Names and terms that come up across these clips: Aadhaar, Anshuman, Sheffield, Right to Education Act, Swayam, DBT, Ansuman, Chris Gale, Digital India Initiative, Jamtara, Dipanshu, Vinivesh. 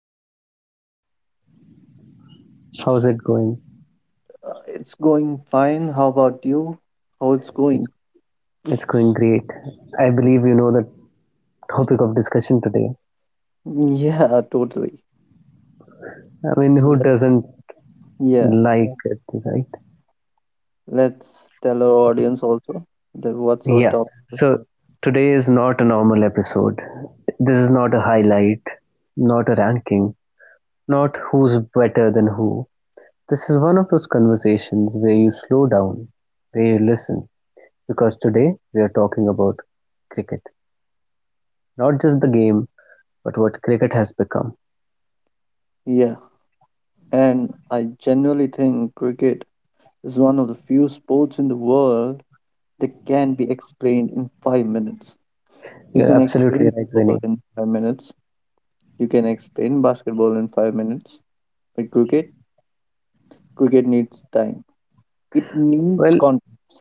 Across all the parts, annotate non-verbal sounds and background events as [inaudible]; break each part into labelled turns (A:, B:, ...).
A: Hello, Ansuman.
B: how's it going?
A: It's going fine. How about you? How it's
B: It's,
A: going?
B: it's going great. I believe you know the topic of discussion today.
A: Yeah, totally.
B: I mean,
A: So
B: who doesn't
A: yeah,
B: like it, right?
A: let's tell our audience also that what's our
B: Yeah,
A: top.
B: so today is not a normal episode. This is not a highlight, not a ranking, not who's better than who. This is one of those conversations where you slow down, where you listen, because today we're talking about cricket. Not just the game, but what cricket has become.
A: Yeah, and I genuinely think cricket is one of the few sports in the world that can be explained in 5 minutes. You
B: You're
A: can
B: absolutely
A: explain
B: right, Vinny.
A: football in 5 minutes. You can explain basketball in 5 minutes. But cricket, cricket needs time. It needs
B: Well,
A: context.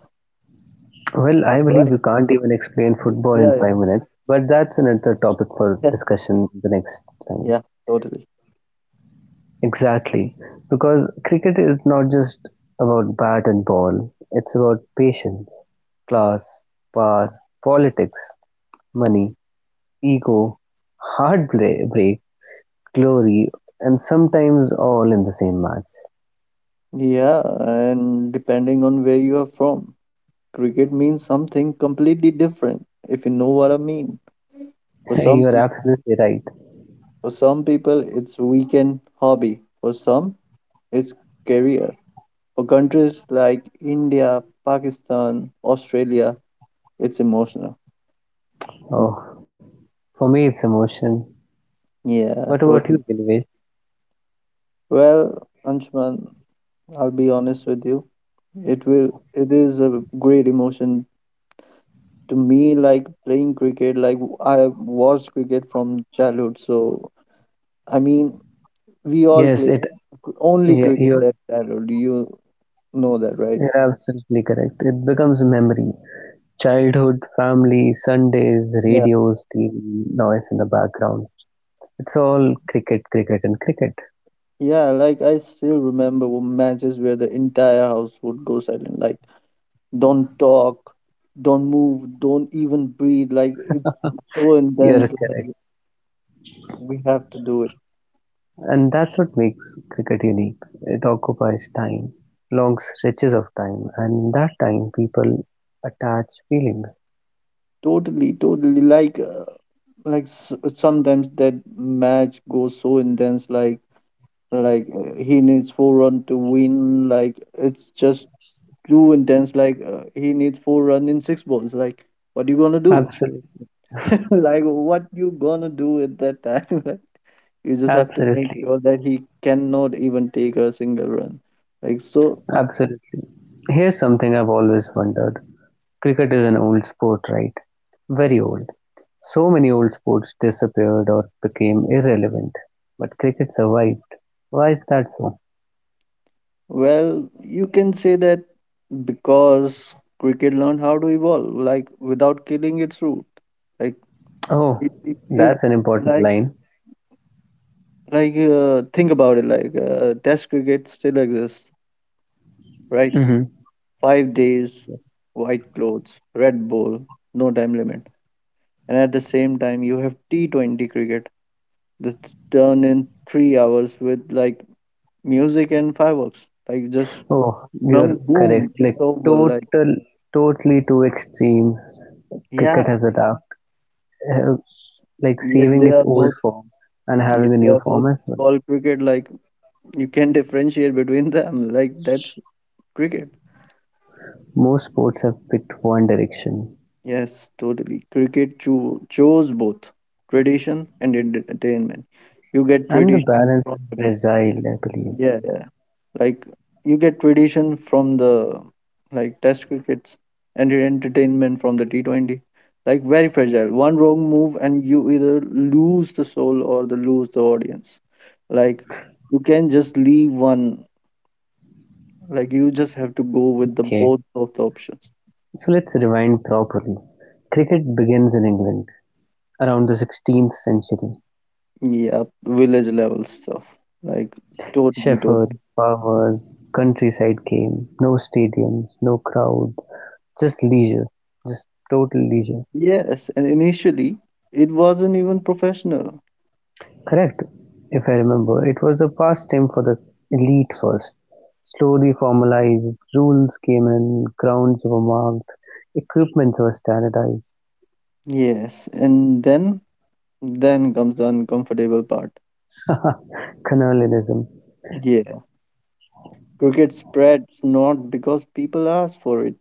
B: well, I
A: I'm
B: believe
A: right.
B: we can't even explain football in
A: Yeah,
B: 5 minutes, but that's another topic for
A: yeah.
B: discussion the next time.
A: Yeah, totally.
B: Exactly. Because cricket is not just about bat and ball, it's about patience, class, power, politics, money, ego, heartbreak, glory, and sometimes all in the same match.
A: Yeah, and depending on where you are from, cricket means something completely different, if you know what I mean.
B: [laughs]
A: For some,
B: You're
A: peo-
B: absolutely right.
A: for some people, it's weekend hobby. For some, it's career. For countries like India, Pakistan, Australia, it's emotional. Mm,
B: Oh, for me it's emotion. What
A: yeah,
B: about you,
A: totally.
B: Gilvesh?
A: Well, Anshuman, I'll be honest with you. It will. It is a great emotion to me, like playing cricket. Like, I watched cricket from childhood, so I mean we all
B: Yes,
A: play
B: it.
A: only
B: Yeah,
A: cricket at childhood, you know that, right?
B: you're absolutely correct. It becomes memory. Childhood, family, Sundays,
A: Yeah,
B: radios, TV, noise in the background. It's all cricket, cricket, and cricket.
A: yeah. Like, I still remember matches where the entire house would go silent, like don't talk, don't move, don't even breathe, like it's so
B: You're
A: intense,
B: correct.
A: like we have to do it.
B: And that's what makes cricket unique. It occupies time, long stretches of time, and in that time, people attach feelings.
A: Totally, totally. Like, like s- sometimes that match goes so intense, like he needs full run to win, like it's just too intense, like he needs full run in 6 balls, like what you gonna do?
B: Absolutely,
A: [laughs] Like, what you gonna do at that time? [laughs] Like, you just have to make
B: absolutely,
A: sure that he cannot even take a single run, like so.
B: absolutely. Here's something I've always wondered. Cricket is an old sport, right? Very old. So many old sports disappeared or became irrelevant, but cricket survived. Why is that so?
A: Well, you can say that because cricket learned how to evolve, like without killing its root. Like,
B: Oh,
A: it, it,
B: that's
A: it
B: an important
A: like
B: line.
A: think about it, like test cricket still exists, right?
B: Hmm.
A: 5 days, white clothes, Red Bull, no time limit. And at the same time, you have T20 cricket that's done in 3 hours with like music and fireworks. Like, just
B: Oh, you're
A: boom,
B: correct.
A: boom,
B: Like
A: it's over. Like,
B: total, totally two extremes. Cricket
A: yeah,
B: has adapted, uh, like
A: yet
B: saving its
A: they are
B: old
A: both,
B: form and having a
A: yet they
B: new
A: are
B: form
A: both
B: as well.
A: ball cricket. Like, you can [laughs] differentiate between them. Like, that's cricket.
B: Most sports have picked one direction,
A: Yes, totally. Cricket chose both tradition and entertainment. You get
B: and the
A: tradition
B: balance
A: from.
B: is fragile, I believe.
A: Yeah, yeah. Like, you get tradition from the, like, test crickets, and your entertainment from the T20. Like, very fragile. One wrong move and you either lose the soul or the lose the audience. Like, you can just leave one. Like, you just have to go with the
B: Okay,
A: both of the options.
B: so let's rewind properly. Cricket begins in England around the 16th century.
A: Yeah, village level stuff. Like, totally,
B: Sheffield,
A: totally.
B: Powers, countryside game, no stadiums, no crowd, just leisure, just total leisure.
A: Yes, and initially it wasn't even professional.
B: Correct, if I remember. It was a pastime for the elite first. Slowly formalized, rules came in, grounds were marked, equipment was standardized,
A: Yes, and then comes the uncomfortable part.
B: colonialism,
A: Yeah, cricket spreads not because people asked for it,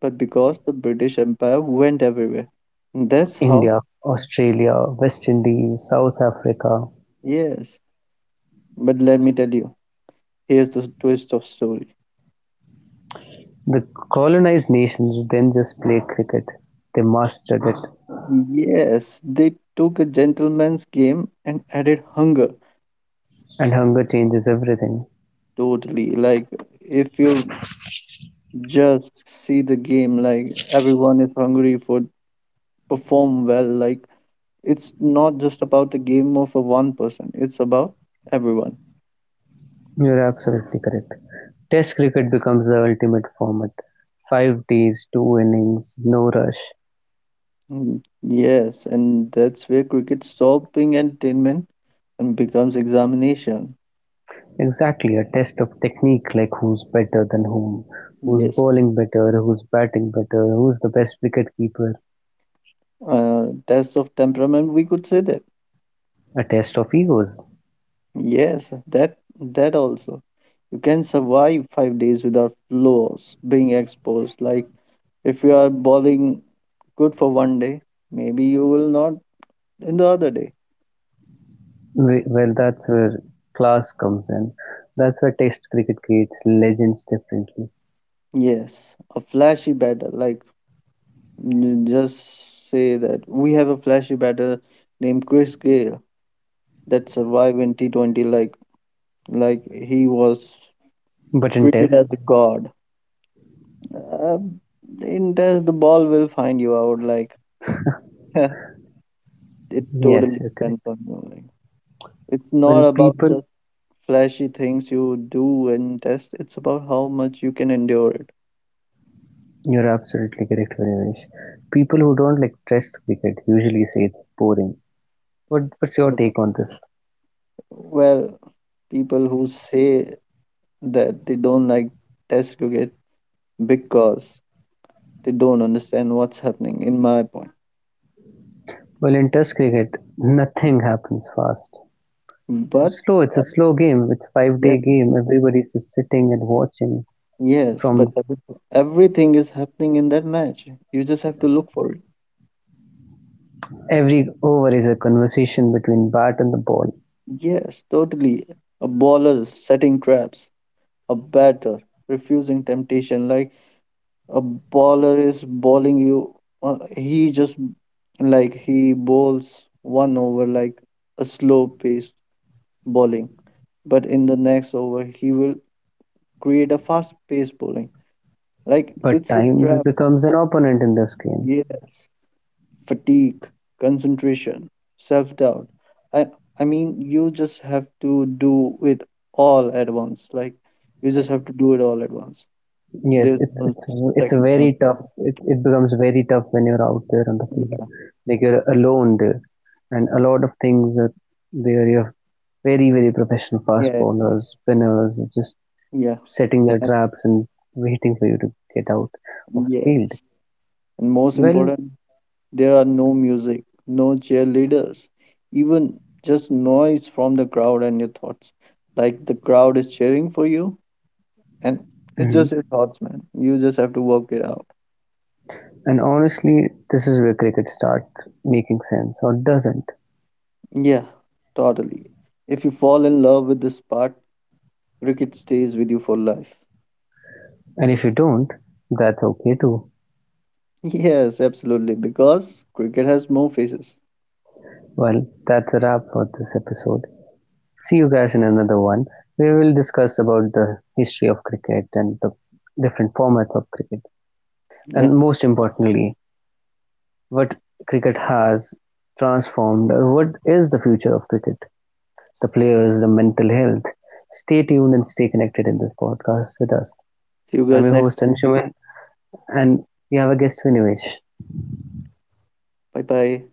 A: but because the British Empire went everywhere. That's how,
B: India, Australia, West Indies, South Africa,
A: yes. But let me tell you, here's the twist of story.
B: the colonised nations then just play cricket, they mastered it,
A: Yes, they took a gentleman's game and added hunger.
B: and hunger changes everything.
A: Totally. Like, if you just see the game, like, everyone is hungry for perform well, like, it's not just about the game of a one person, it's about everyone.
B: You're absolutely correct. Test cricket becomes the ultimate format. 5 days, two innings, no rush.
A: Mm, yes, and that's where cricket stops being entertainment and becomes examination.
B: Exactly, a test of technique like who's better than whom, who's
A: Yes,
B: bowling better, who's batting better, who's the best wicket keeper.
A: test of temperament, we could say that.
B: A test of egos.
A: Yes, that also. You can survive 5 days without flaws being exposed. Like, if you are bowling good for one day, maybe you will not in the other day.
B: Well, that's where class comes in. That's where test cricket creates legends differently.
A: Yes, a flashy batter like just say that we have a flashy batter named Chris Gale that survived in T20, like he was
B: But in
A: treated
B: tests,
A: as a god. Uh, in test, the ball will find you out. Like, [laughs] it
B: yes,
A: totally
B: you're correct.
A: depends on you. Like, it's
B: Well,
A: not about
B: people,
A: just flashy things you do in test. It's about how much you can endure it.
B: you're absolutely correct, Harimesh. People who don't like Test cricket usually say it's boring. What's your take on this?
A: Well, people who say that they don't like test cricket because they don't understand what's happening, in my point.
B: Well, in Test cricket, nothing happens fast. It's
A: But
B: slow. It's a
A: uh,
B: slow game. It's five-day
A: yeah,
B: game. Everybody's just sitting and watching.
A: yes,
B: From
A: but everything is happening in that match. You just have to look for it.
B: every over is a conversation between bat and the ball.
A: Yes, totally. A baller setting traps, a batter refusing temptation. Like, a baller is bowling you, he just, like he bowls one over like a slow paced bowling, but in the next over he will create a fast paced bowling, like
B: But
A: it's a
B: time
A: trap.
B: becomes an opponent in this game.
A: Yes, fatigue, concentration, self doubt. I, I mean, you just have to do it all at once. Like, you just have to do it all at once.
B: Yes,
A: There's
B: it's
A: no
B: it's it's a
A: second
B: very
A: chance.
B: tough. It becomes very tough when you're out there on the field,
A: Yeah,
B: like you're alone there, and a lot of things are there. You have very very professional fast
A: yeah,
B: bowlers, spinners, just
A: yeah.
B: setting their
A: and-
B: traps and waiting for you to get out of the
A: Yes.
B: field.
A: And most
B: Well,
A: important, there are no music, no cheerleaders, even just noise from the crowd and your thoughts. Like, the crowd is cheering for you, and it's
B: mhm,
A: just your thoughts, man. You just have to work it out.
B: and honestly, this is where cricket starts making sense or doesn't.
A: Yeah, totally. If you fall in love with the sport, cricket stays with you for life.
B: And if you don't, that's okay too.
A: [laughs] Yes, absolutely, because cricket has more faces.
B: Well, that's a wrap for this episode. See you guys in another one. We will discuss about the history of cricket and the different formats of cricket, and
A: Yeah.
B: most importantly, what cricket has transformed what is the future of cricket, the players, the mental health. Stay tuned and stay connected in this podcast with us.
A: See you
B: I'm your
A: guys next
B: host
A: time.
B: Anshuman, and we have a guest, Vinivesh.
A: Bye bye.